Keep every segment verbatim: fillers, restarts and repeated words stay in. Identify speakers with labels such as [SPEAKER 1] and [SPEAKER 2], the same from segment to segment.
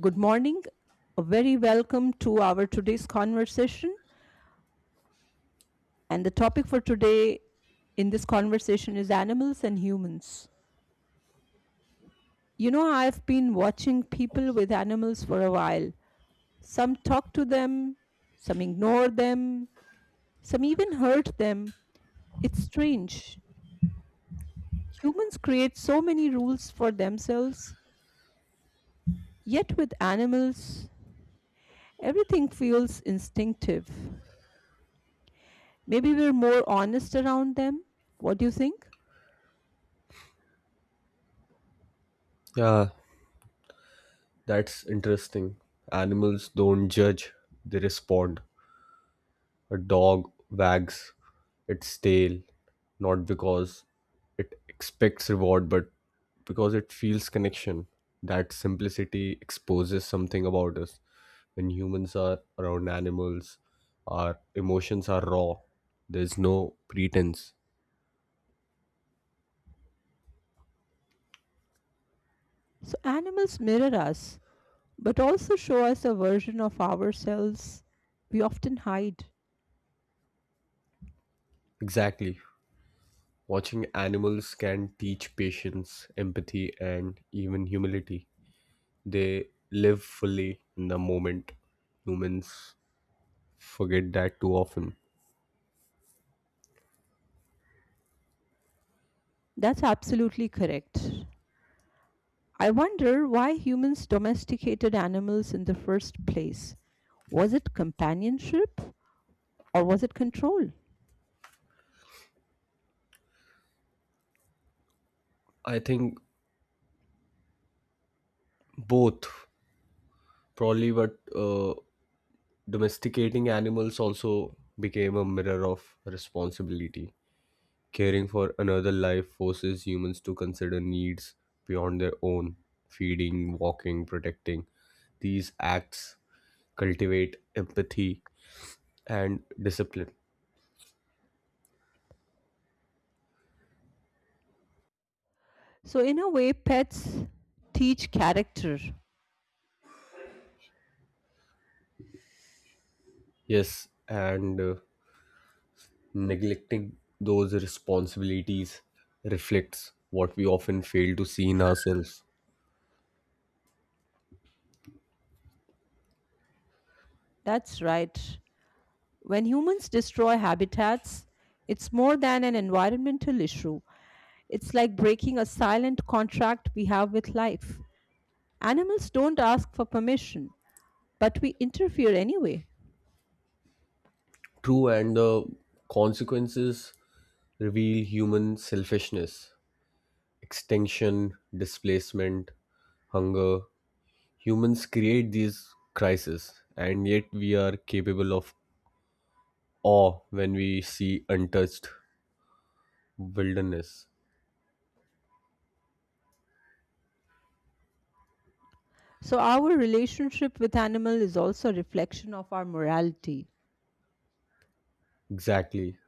[SPEAKER 1] Good morning. A very welcome to our today's conversation. And the topic for today in this conversation is animals and humans. You know, I've been watching people with animals for a while. Some talk to them, some ignore them, some even hurt them. It's strange. Humans create so many rules for themselves, yet with animals, everything feels instinctive. Maybe we're more honest around them. What do you think?
[SPEAKER 2] Yeah, that's interesting. Animals don't judge, they respond. A dog wags its tail not because it expects reward, but because it feels connection. That simplicity exposes something about us. When humans are around animals, our emotions are raw, there's no pretense.
[SPEAKER 1] So animals mirror us, but also show us a version of ourselves we often hide.
[SPEAKER 2] Exactly. Watching animals can teach patience, empathy, and even humility. They live fully in the moment. Humans forget that too often.
[SPEAKER 1] That's absolutely correct. I wonder why humans domesticated animals in the first place. Was it companionship or was it control?
[SPEAKER 2] I think both, probably, but uh, domesticating animals also became a mirror of responsibility. Caring for another life forces humans to consider needs beyond their own feeding, walking, protecting. These acts cultivate empathy and discipline.
[SPEAKER 1] So, in a way, pets teach character.
[SPEAKER 2] Yes, and uh, neglecting those responsibilities reflects what we often fail to see in ourselves.
[SPEAKER 1] That's right. When humans destroy habitats, it's more than an environmental issue. It's like breaking a silent contract we have with life. Animals don't ask for permission, but we interfere anyway.
[SPEAKER 2] True, and the consequences reveal human selfishness, extinction, displacement, hunger. Humans create these crises, and yet we are capable of awe when we see untouched wilderness.
[SPEAKER 1] So our relationship with animal is also a reflection of our morality.
[SPEAKER 2] Exactly.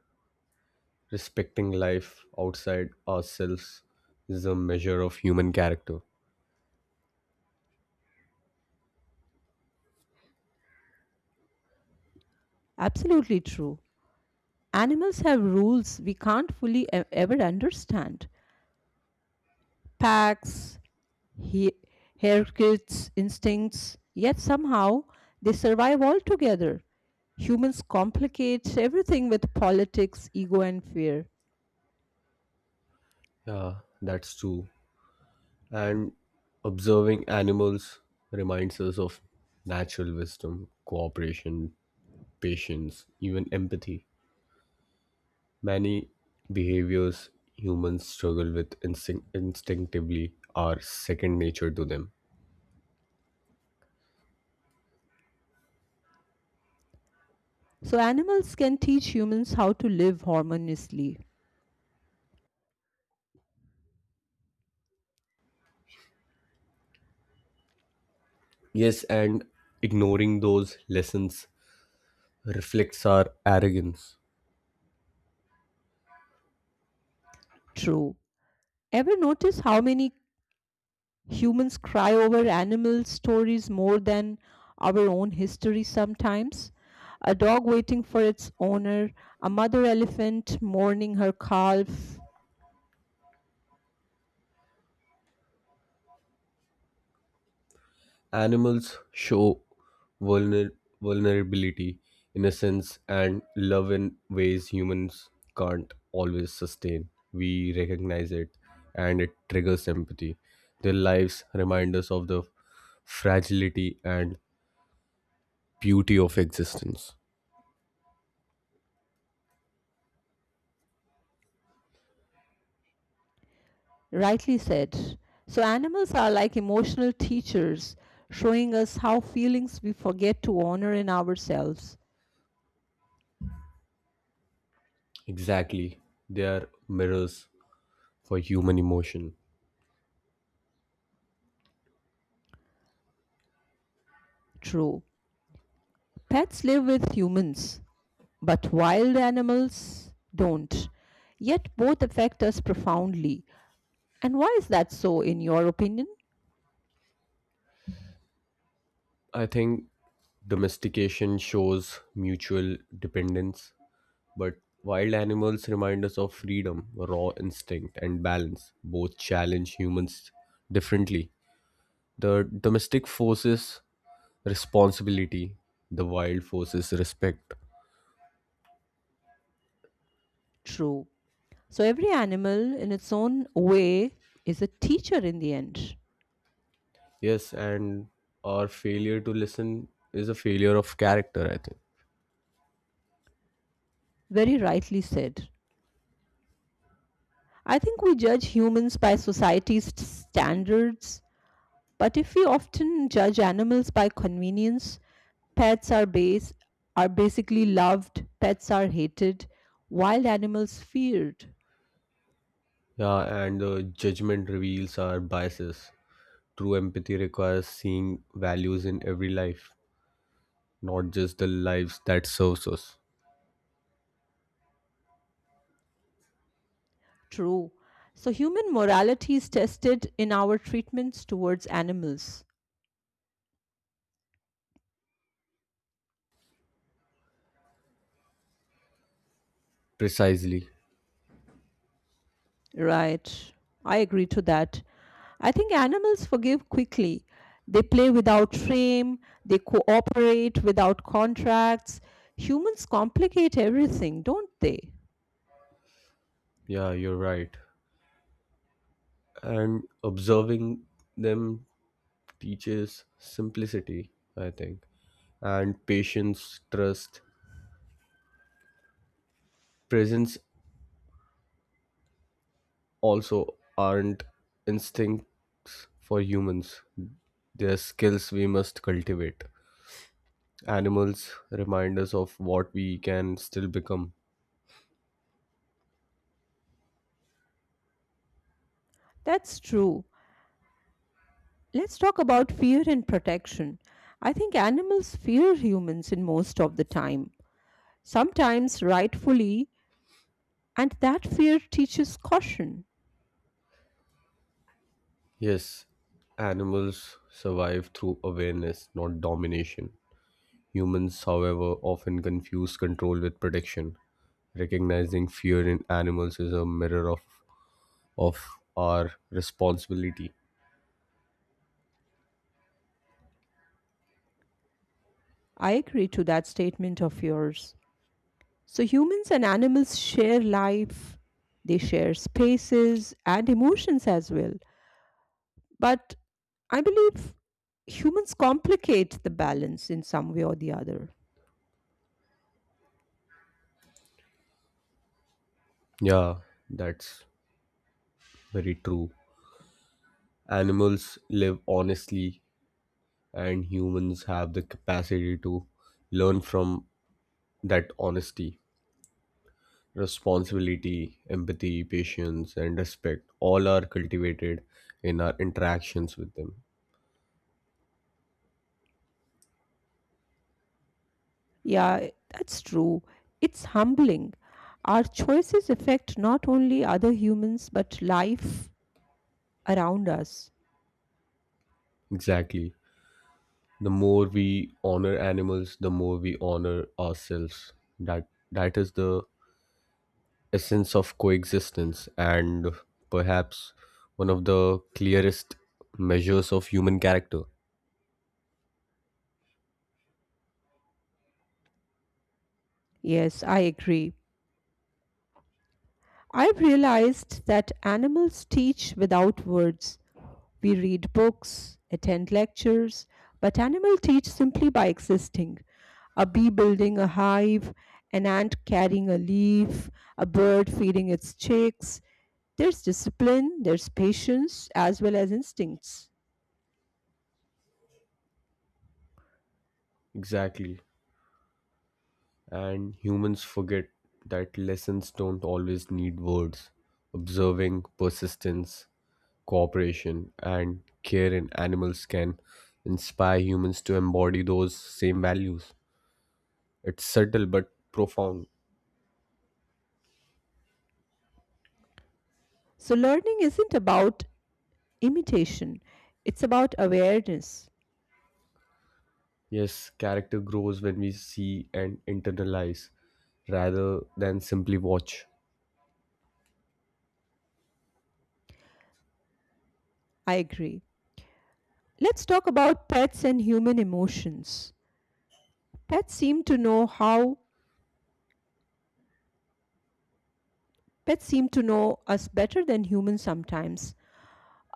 [SPEAKER 2] Respecting life outside ourselves is a measure of human character.
[SPEAKER 1] Absolutely true. Animals have rules we can't fully e- ever understand. Packs, he- haircuts, instincts, yet somehow they survive altogether. Humans complicate everything with politics, ego, and fear.
[SPEAKER 2] Yeah, that's true. And observing animals reminds us of natural wisdom, cooperation, patience, even empathy. Many behaviors humans struggle with instinct- instinctively are second nature to them.
[SPEAKER 1] So animals can teach humans how to live harmoniously.
[SPEAKER 2] Yes, and ignoring those lessons reflects our arrogance.
[SPEAKER 1] True. Ever notice how many humans cry over animal stories more than our own history sometimes? A dog waiting for its owner, a mother elephant mourning her calf,
[SPEAKER 2] Animals show vulner- vulnerability, innocence, and love in ways humans can't always sustain. We recognize it and it triggers empathy. Their lives remind us of the fragility and beauty of existence.
[SPEAKER 1] rightly said. So, animals are like emotional teachers, showing us how feelings we forget to honor in ourselves.
[SPEAKER 2] Exactly. They are mirrors for human emotion.
[SPEAKER 1] True. Pets live with humans, but wild animals don't. Yet both affect us profoundly. And why is that so, in your opinion?
[SPEAKER 2] I think domestication shows mutual dependence, but wild animals remind us of freedom, raw instinct, and balance. Both challenge humans differently. The domestic forces responsibility, the wild forces respect.
[SPEAKER 1] True. So, every animal, in its own way, is a teacher in the end.
[SPEAKER 2] Yes, and our failure to listen is a failure of character, I think.
[SPEAKER 1] Very rightly said. I think we judge humans by society's st- standards, but if we often judge animals by convenience, pets are base are basically loved, pets are hated, wild animals feared.
[SPEAKER 2] Yeah, and the judgment reveals our biases. True empathy requires seeing values in every life, not just the lives that serves us.
[SPEAKER 1] True. So human morality is tested in our treatments towards animals.
[SPEAKER 2] Precisely.
[SPEAKER 1] Right. I agree to that. I think animals forgive quickly. They play without shame, they cooperate without contracts. Humans complicate everything, don't they?
[SPEAKER 2] Yeah, you're right. And observing them teaches simplicity, I think. And patience, trust, presence also aren't instincts for humans. They're skills we must cultivate. Animals remind us of what we can still become.
[SPEAKER 1] That's true. Let's talk about fear and protection. I think animals fear humans in most of the time, sometimes rightfully, and that fear teaches caution.
[SPEAKER 2] Yes, animals survive through awareness, not domination. Humans, however, often confuse control with protection. Recognizing fear in animals is a mirror of, of our responsibility.
[SPEAKER 1] I agree to that statement of yours. So humans and animals share life, they share spaces and emotions as well. But I believe humans complicate the balance in some way or the other.
[SPEAKER 2] Yeah, that's very true. Animals live honestly, and humans have the capacity to learn from that honesty. Responsibility, empathy, patience, and respect all are cultivated in our interactions with them.
[SPEAKER 1] Yeah, that's true. It's humbling. Our choices affect not only other humans but life around us.
[SPEAKER 2] Exactly. The more we honor animals, the more we honor ourselves. That that is the essence of coexistence and perhaps one of the clearest measures of human character.
[SPEAKER 1] Yes, I agree. I've realized that animals teach without words. We read books, attend lectures, but animals teach simply by existing. A bee building a hive, an ant carrying a leaf, a bird feeding its chicks. There's discipline, there's patience, as well as instincts.
[SPEAKER 2] Exactly, and humans forget that lessons don't always need words. Observing persistence, cooperation, and care in animals can inspire humans to embody those same values. It's subtle but profound.
[SPEAKER 1] So, learning isn't about imitation, it's about awareness.
[SPEAKER 2] Yes, character grows when we see and internalize rather than simply watch.
[SPEAKER 1] I agree. Let's talk about pets and human emotions. Pets seem to know how Pets seem to know us better than humans sometimes.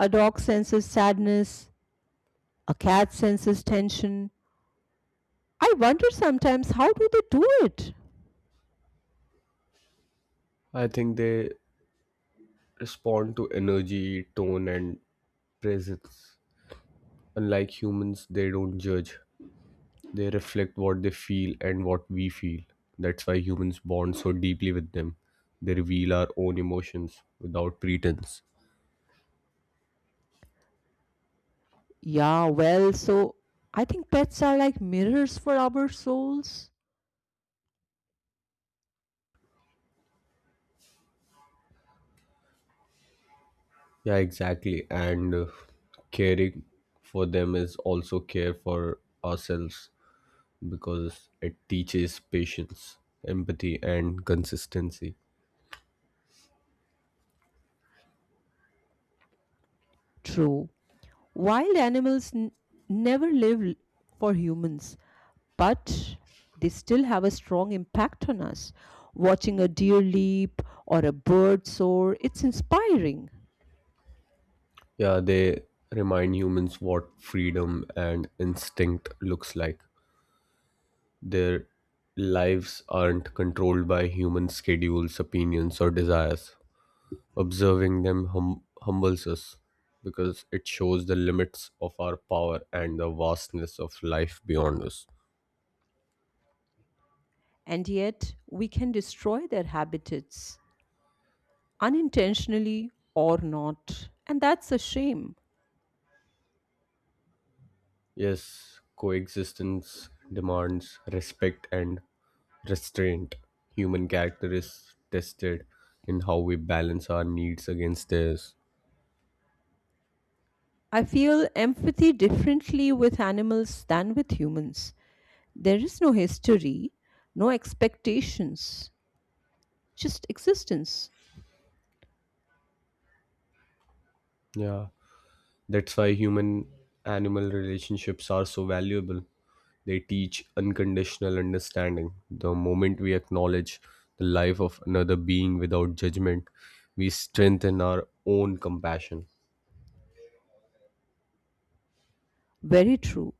[SPEAKER 1] A dog senses sadness, a cat senses tension. I wonder sometimes how do they do it?
[SPEAKER 2] I think they respond to energy, tone, and presence. Unlike humans, they don't judge, they reflect what they feel and what we feel. That's why humans bond so deeply with them. They reveal our own emotions without pretense.
[SPEAKER 1] Yeah, well, so I think pets are like mirrors for our souls.
[SPEAKER 2] Yeah, exactly. And uh, caring for them is also care for ourselves because it teaches patience, empathy, and consistency.
[SPEAKER 1] True. Wild animals n- never live l- for humans, but they still have a strong impact on us. Watching a deer leap or a bird soar, it's inspiring.
[SPEAKER 2] Yeah, they remind humans what freedom and instinct looks like. Their lives aren't controlled by human schedules, opinions, or desires. Observing them hum- humbles us because it shows the limits of our power and the vastness of life beyond us.
[SPEAKER 1] And yet, we can destroy their habitats, unintentionally or not. And that's a shame.
[SPEAKER 2] Yes, coexistence demands respect and restraint. Human character is tested in how we balance our needs against theirs.
[SPEAKER 1] I feel empathy differently with animals than with humans. There is no history, no expectations, just existence.
[SPEAKER 2] Yeah, that's why human animal relationships are so valuable. They teach unconditional understanding. The moment we acknowledge the life of another being without judgment, we strengthen our own compassion.
[SPEAKER 1] Very true.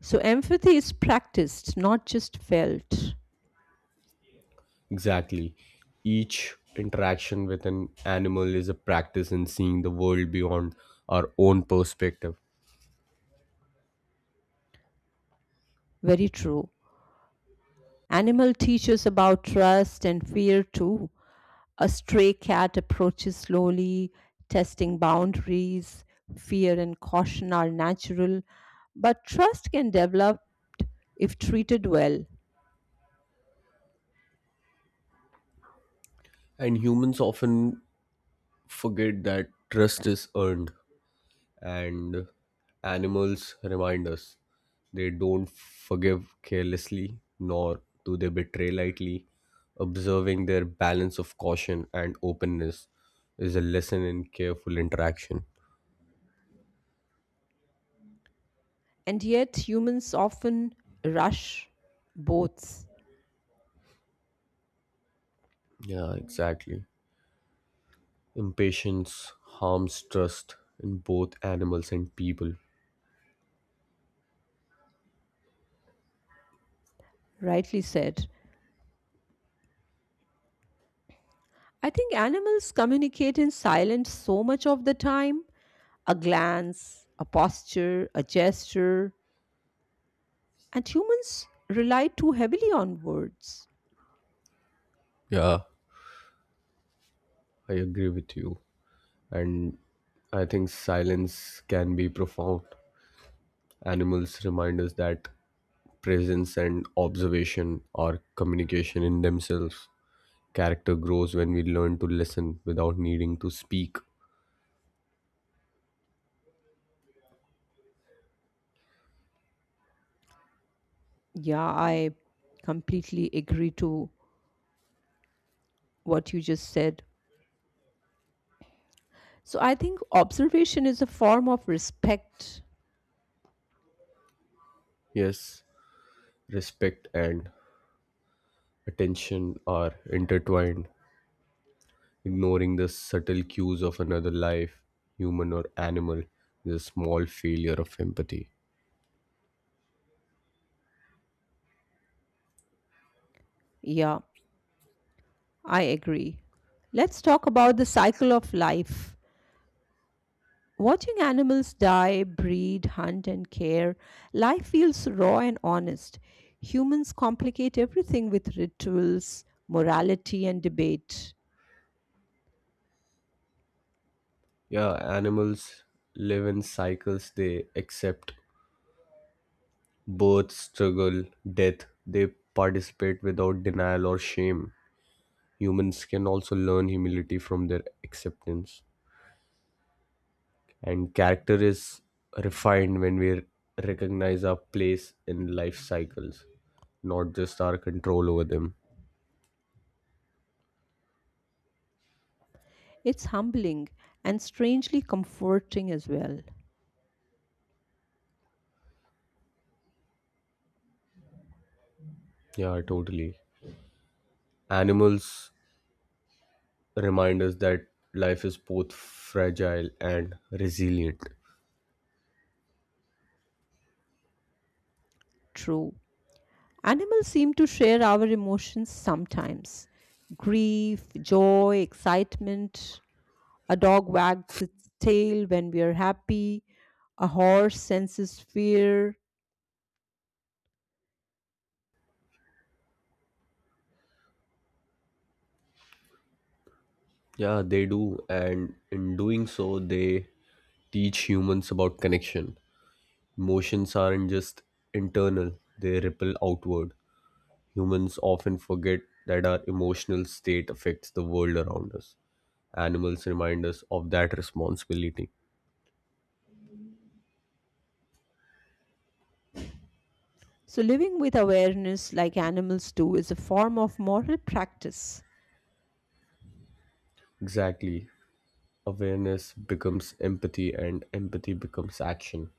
[SPEAKER 1] So empathy is practiced, not just felt.
[SPEAKER 2] Exactly. Each interaction with an animal is a practice in seeing the world beyond our own perspective.
[SPEAKER 1] Very true. Animal teaches about trust and fear too. A stray cat approaches slowly, testing boundaries. Fear and caution are natural, but trust can develop if treated well.
[SPEAKER 2] And humans often forget that trust is earned, and animals remind us they don't forgive carelessly, nor do they betray lightly. Observing their balance of caution and openness is a lesson in careful interaction.
[SPEAKER 1] And yet, humans often rush both.
[SPEAKER 2] Yeah, exactly. Impatience harms trust in both animals and people.
[SPEAKER 1] Rightly said. I think animals communicate in silence so much of the time, a glance, a posture, a gesture, and humans rely too heavily on words.
[SPEAKER 2] Yeah, I agree with you. And I think silence can be profound. Animals remind us that presence and observation are communication in themselves. Character grows when we learn to listen without needing to speak.
[SPEAKER 1] Yeah, I completely agree to what you just said. So I think observation is a form of respect.
[SPEAKER 2] Yes, respect and attention are intertwined. Ignoring the subtle cues of another life, human or animal, is a small failure of empathy.
[SPEAKER 1] Yeah, I agree. Let's talk about the cycle of life. Watching animals die, breed, hunt, and care, life feels raw and honest. Humans complicate everything with rituals, morality, and debate.
[SPEAKER 2] Yeah, animals live in cycles, they accept birth, struggle, death, they participate without denial or shame. Humans can also learn humility from their acceptance. And character is refined when we recognize our place in life cycles, not just our control over them.
[SPEAKER 1] It's humbling and strangely comforting as well.
[SPEAKER 2] Yeah, totally. Animals remind us that life is both fragile and resilient.
[SPEAKER 1] True. Animals seem to share our emotions sometimes, grief, joy, excitement. A dog wags its tail when we are happy. A horse senses fear.
[SPEAKER 2] Yeah, they do. And in doing so, they teach humans about connection. Emotions aren't just internal, they ripple outward. Humans often forget that our emotional state affects the world around us. Animals remind us of that responsibility.
[SPEAKER 1] So, living with awareness like animals do is a form of moral practice.
[SPEAKER 2] Exactly. Awareness becomes empathy, and empathy becomes action.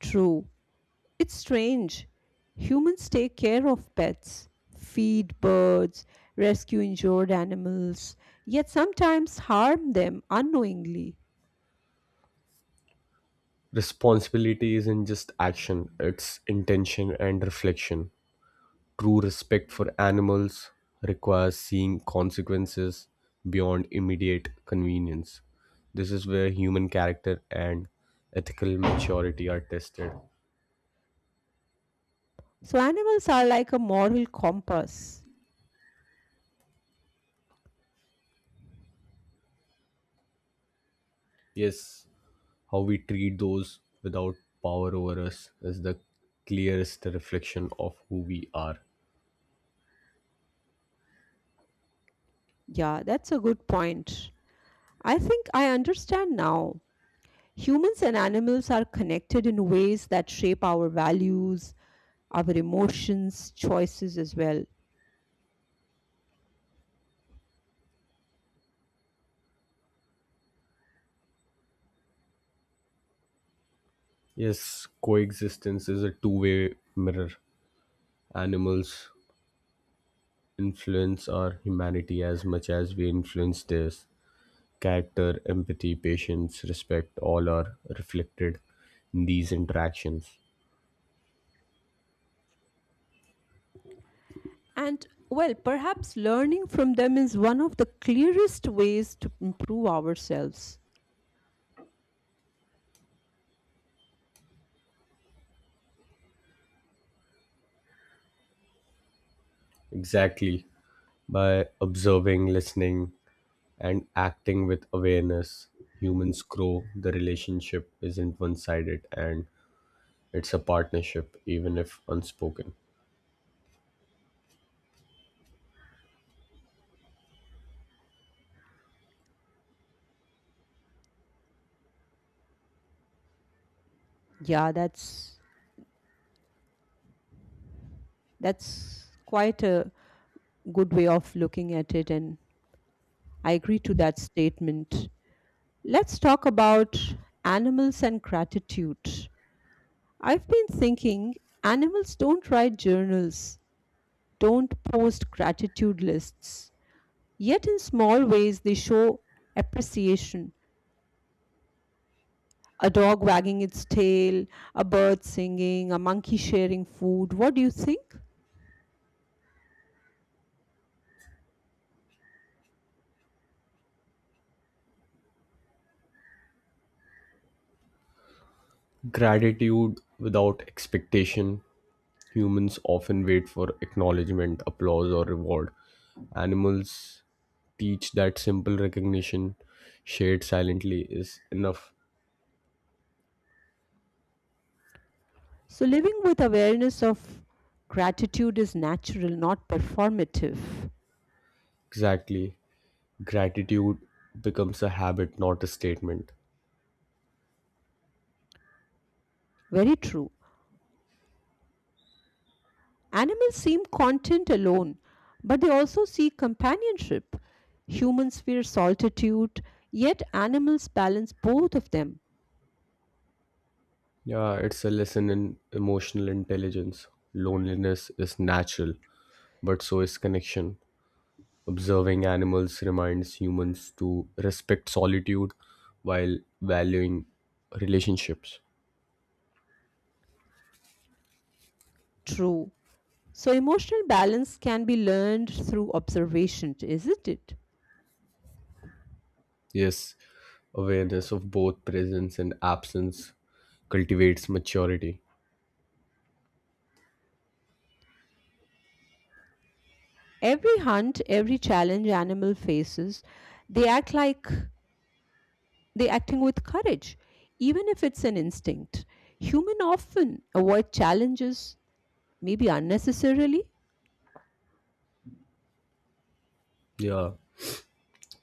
[SPEAKER 1] True. It's strange. Humans take care of pets, feed birds, rescue injured animals, yet sometimes harm them unknowingly.
[SPEAKER 2] Responsibility isn't just action, it's intention and reflection. True respect for animals requires seeing consequences beyond immediate convenience. This is where human character and ethical maturity are tested.
[SPEAKER 1] So animals are like a moral compass.
[SPEAKER 2] Yes, how we treat those without power over us is the clearest reflection of who we are.
[SPEAKER 1] Yeah, that's a good point. I think I understand now. Humans and animals are connected in ways that shape our values, our emotions, choices as well.
[SPEAKER 2] Yes, coexistence is a two way mirror. Animals influence our humanity as much as we influence theirs. Character, empathy, patience, respect, all are reflected in these interactions.
[SPEAKER 1] And well, perhaps learning from them is one of the clearest ways to improve ourselves.
[SPEAKER 2] Exactly. By observing, listening, and acting with awareness, humans grow. The relationship isn't one sided and it's a partnership, even if unspoken.
[SPEAKER 1] Yeah, that's that's quite a good way of looking at it, and I agree to that statement. Let's talk about animals and gratitude. I've been thinking animals don't write journals, don't post gratitude lists, yet, in small ways, they show appreciation. A dog wagging its tail, a bird singing, a monkey sharing food. What do you think?
[SPEAKER 2] Gratitude without expectation. Humans often wait for acknowledgement, applause, or reward. Animals teach that simple recognition, shared silently, is enough.
[SPEAKER 1] So, living with awareness of gratitude is natural, not performative.
[SPEAKER 2] Exactly. Gratitude becomes a habit, not a statement.
[SPEAKER 1] Very true. Animals seem content alone, but they also seek companionship. Humans fear solitude, yet animals balance both of them.
[SPEAKER 2] Yeah, it's a lesson in emotional intelligence. Loneliness is natural, but so is connection. Observing animals reminds humans to respect solitude while valuing relationships.
[SPEAKER 1] True. So, emotional balance can be learned through observation, isn't it?
[SPEAKER 2] Yes, awareness of both presence and absence cultivates maturity.
[SPEAKER 1] Every hunt, every challenge animal faces, they act like they acting with courage, even if it's an instinct. Human often avoid challenges, maybe unnecessarily.
[SPEAKER 2] Yeah,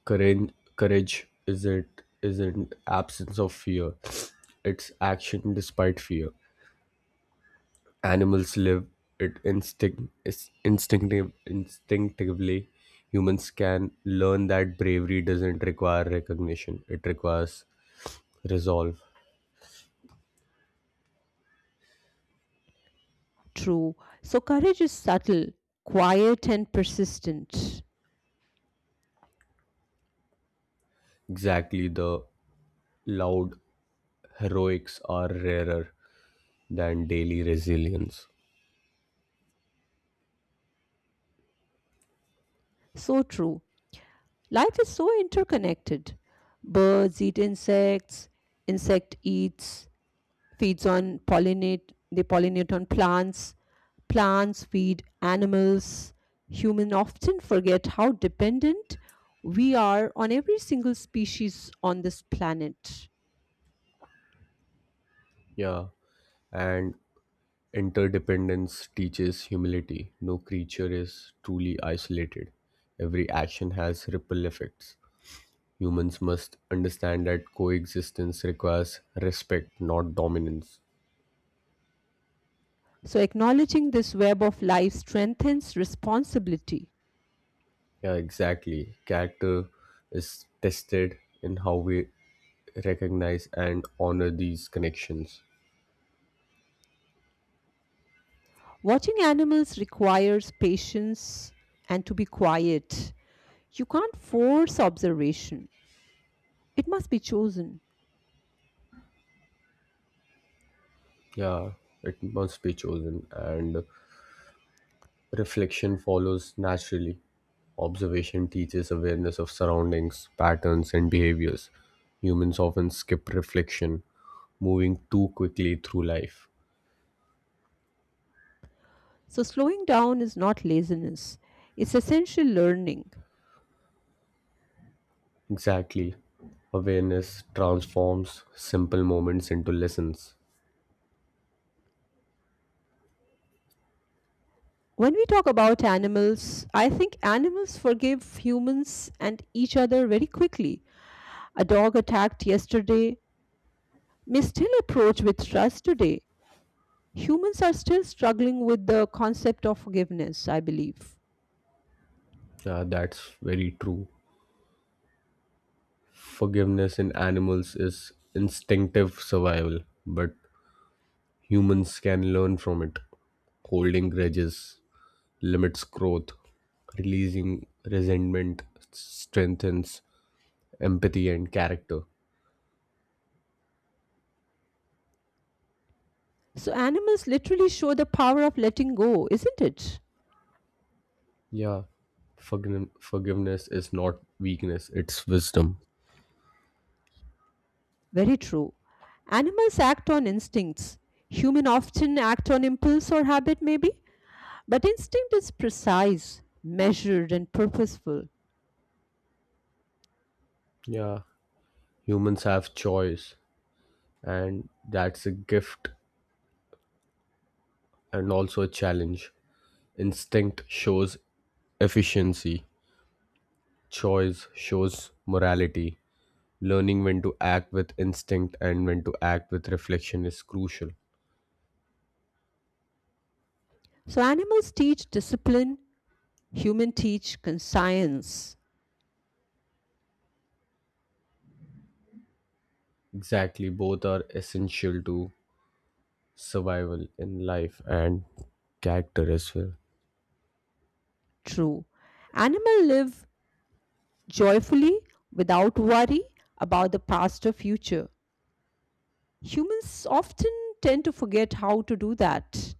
[SPEAKER 2] courage, courage isn't isn't absence of fear; it's action despite fear. Animals live it, instinct is instinctive instinctively. Humans can learn that bravery doesn't require recognition; it requires resolve.
[SPEAKER 1] True. So courage is subtle, quiet, and persistent.
[SPEAKER 2] Exactly. The loud heroics are rarer than daily resilience.
[SPEAKER 1] So true. Life is so interconnected. Birds eat insects, insect eats, feeds on pollinate, they pollinate on plants, plants feed animals. Human often forget how dependent we are on every single species on this planet.
[SPEAKER 2] Yeah, and interdependence teaches humility. No creature is truly isolated. Every action has ripple effects. Humans must understand that coexistence requires respect, not dominance.
[SPEAKER 1] So acknowledging this web of life strengthens responsibility.
[SPEAKER 2] Yeah, exactly. Character is tested in how we recognize and honor these connections.
[SPEAKER 1] Watching animals requires patience and to be quiet. You can't force observation, it must be chosen.
[SPEAKER 2] Yeah, it must be chosen, and reflection follows naturally. Observation teaches awareness of surroundings, patterns, and behaviors. Humans often skip reflection, moving too quickly through life.
[SPEAKER 1] So, slowing down is not laziness, it's essential learning.
[SPEAKER 2] Exactly. Awareness transforms simple moments into lessons.
[SPEAKER 1] When we talk about animals, I think animals forgive humans and each other very quickly. A dog attacked yesterday may still approach with trust today. Humans are still struggling with the concept of forgiveness, I believe.
[SPEAKER 2] Yeah, that's very true. Forgiveness in animals is instinctive survival, but humans can learn from it. Holding grudges limits growth. Releasing resentment strengthens empathy and character.
[SPEAKER 1] So animals literally show the power of letting go, isn't it?
[SPEAKER 2] Yeah, forgiven- forgiveness is not weakness, it's wisdom.
[SPEAKER 1] Very true. Animals act on instincts. Human often act on impulse or habit maybe, but instinct is precise, measured and purposeful.
[SPEAKER 2] Yeah, humans have choice, and that's a gift and also a challenge. Instinct shows efficiency, choice shows morality. Learning when to act with instinct and when to act with reflection is crucial.
[SPEAKER 1] So animals teach discipline, human teach conscience.
[SPEAKER 2] Exactly, both are essential to survival in life and character as well.
[SPEAKER 1] True. Animal live joyfully without worry about the past or future. Humans often tend to forget how to do that.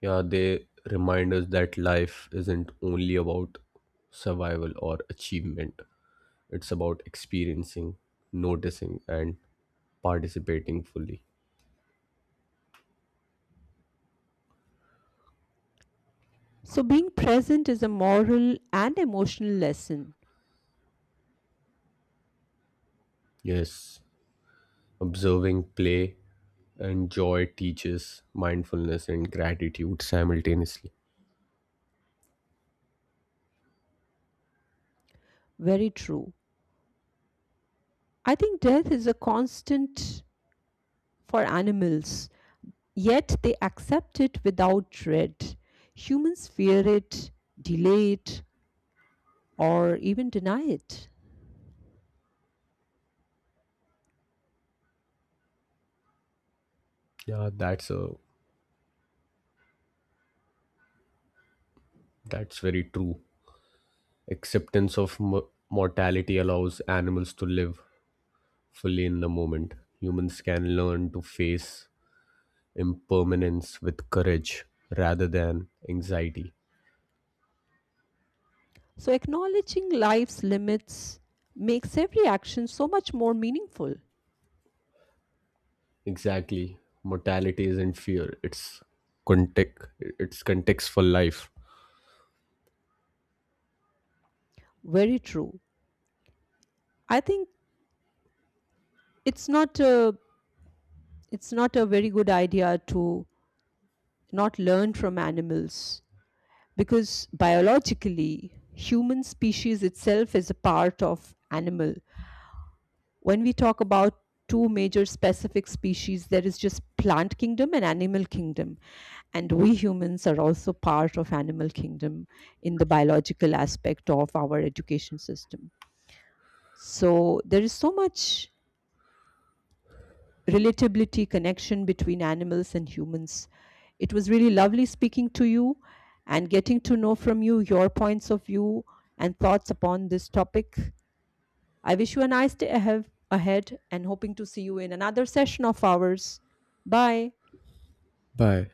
[SPEAKER 2] Yeah, they remind us that life isn't only about survival or achievement, it's about experiencing, noticing, and participating fully.
[SPEAKER 1] So, being present is a moral and emotional lesson.
[SPEAKER 2] Yes, observing play and joy teaches mindfulness and gratitude simultaneously.
[SPEAKER 1] Very true. I think death is a constant for animals, yet they accept it without dread. Humans fear it, delay it, or even deny it.
[SPEAKER 2] Yeah, that's a that's very true. Acceptance of mo- mortality allows animals to live fully in the moment. Humans can learn to face impermanence with courage rather than anxiety.
[SPEAKER 1] So, acknowledging life's limits makes every action so much more meaningful.
[SPEAKER 2] Exactly. Mortality isn't fear, it's context it's context for life.
[SPEAKER 1] Very true. I think it's not a, It's not a very good idea to not learn from animals, because biologically human species itself is a part of animal. When we talk about two major specific species, there is just plant kingdom and animal kingdom, and we humans are also part of animal kingdom in the biological aspect of our education system. So there is so much relatability, connection between animals and humans. It was really lovely speaking to you and getting to know from you your points of view and thoughts upon this topic. I wish you a nice day ahead ahead and hoping to see you in another session of ours. Bye.
[SPEAKER 2] Bye.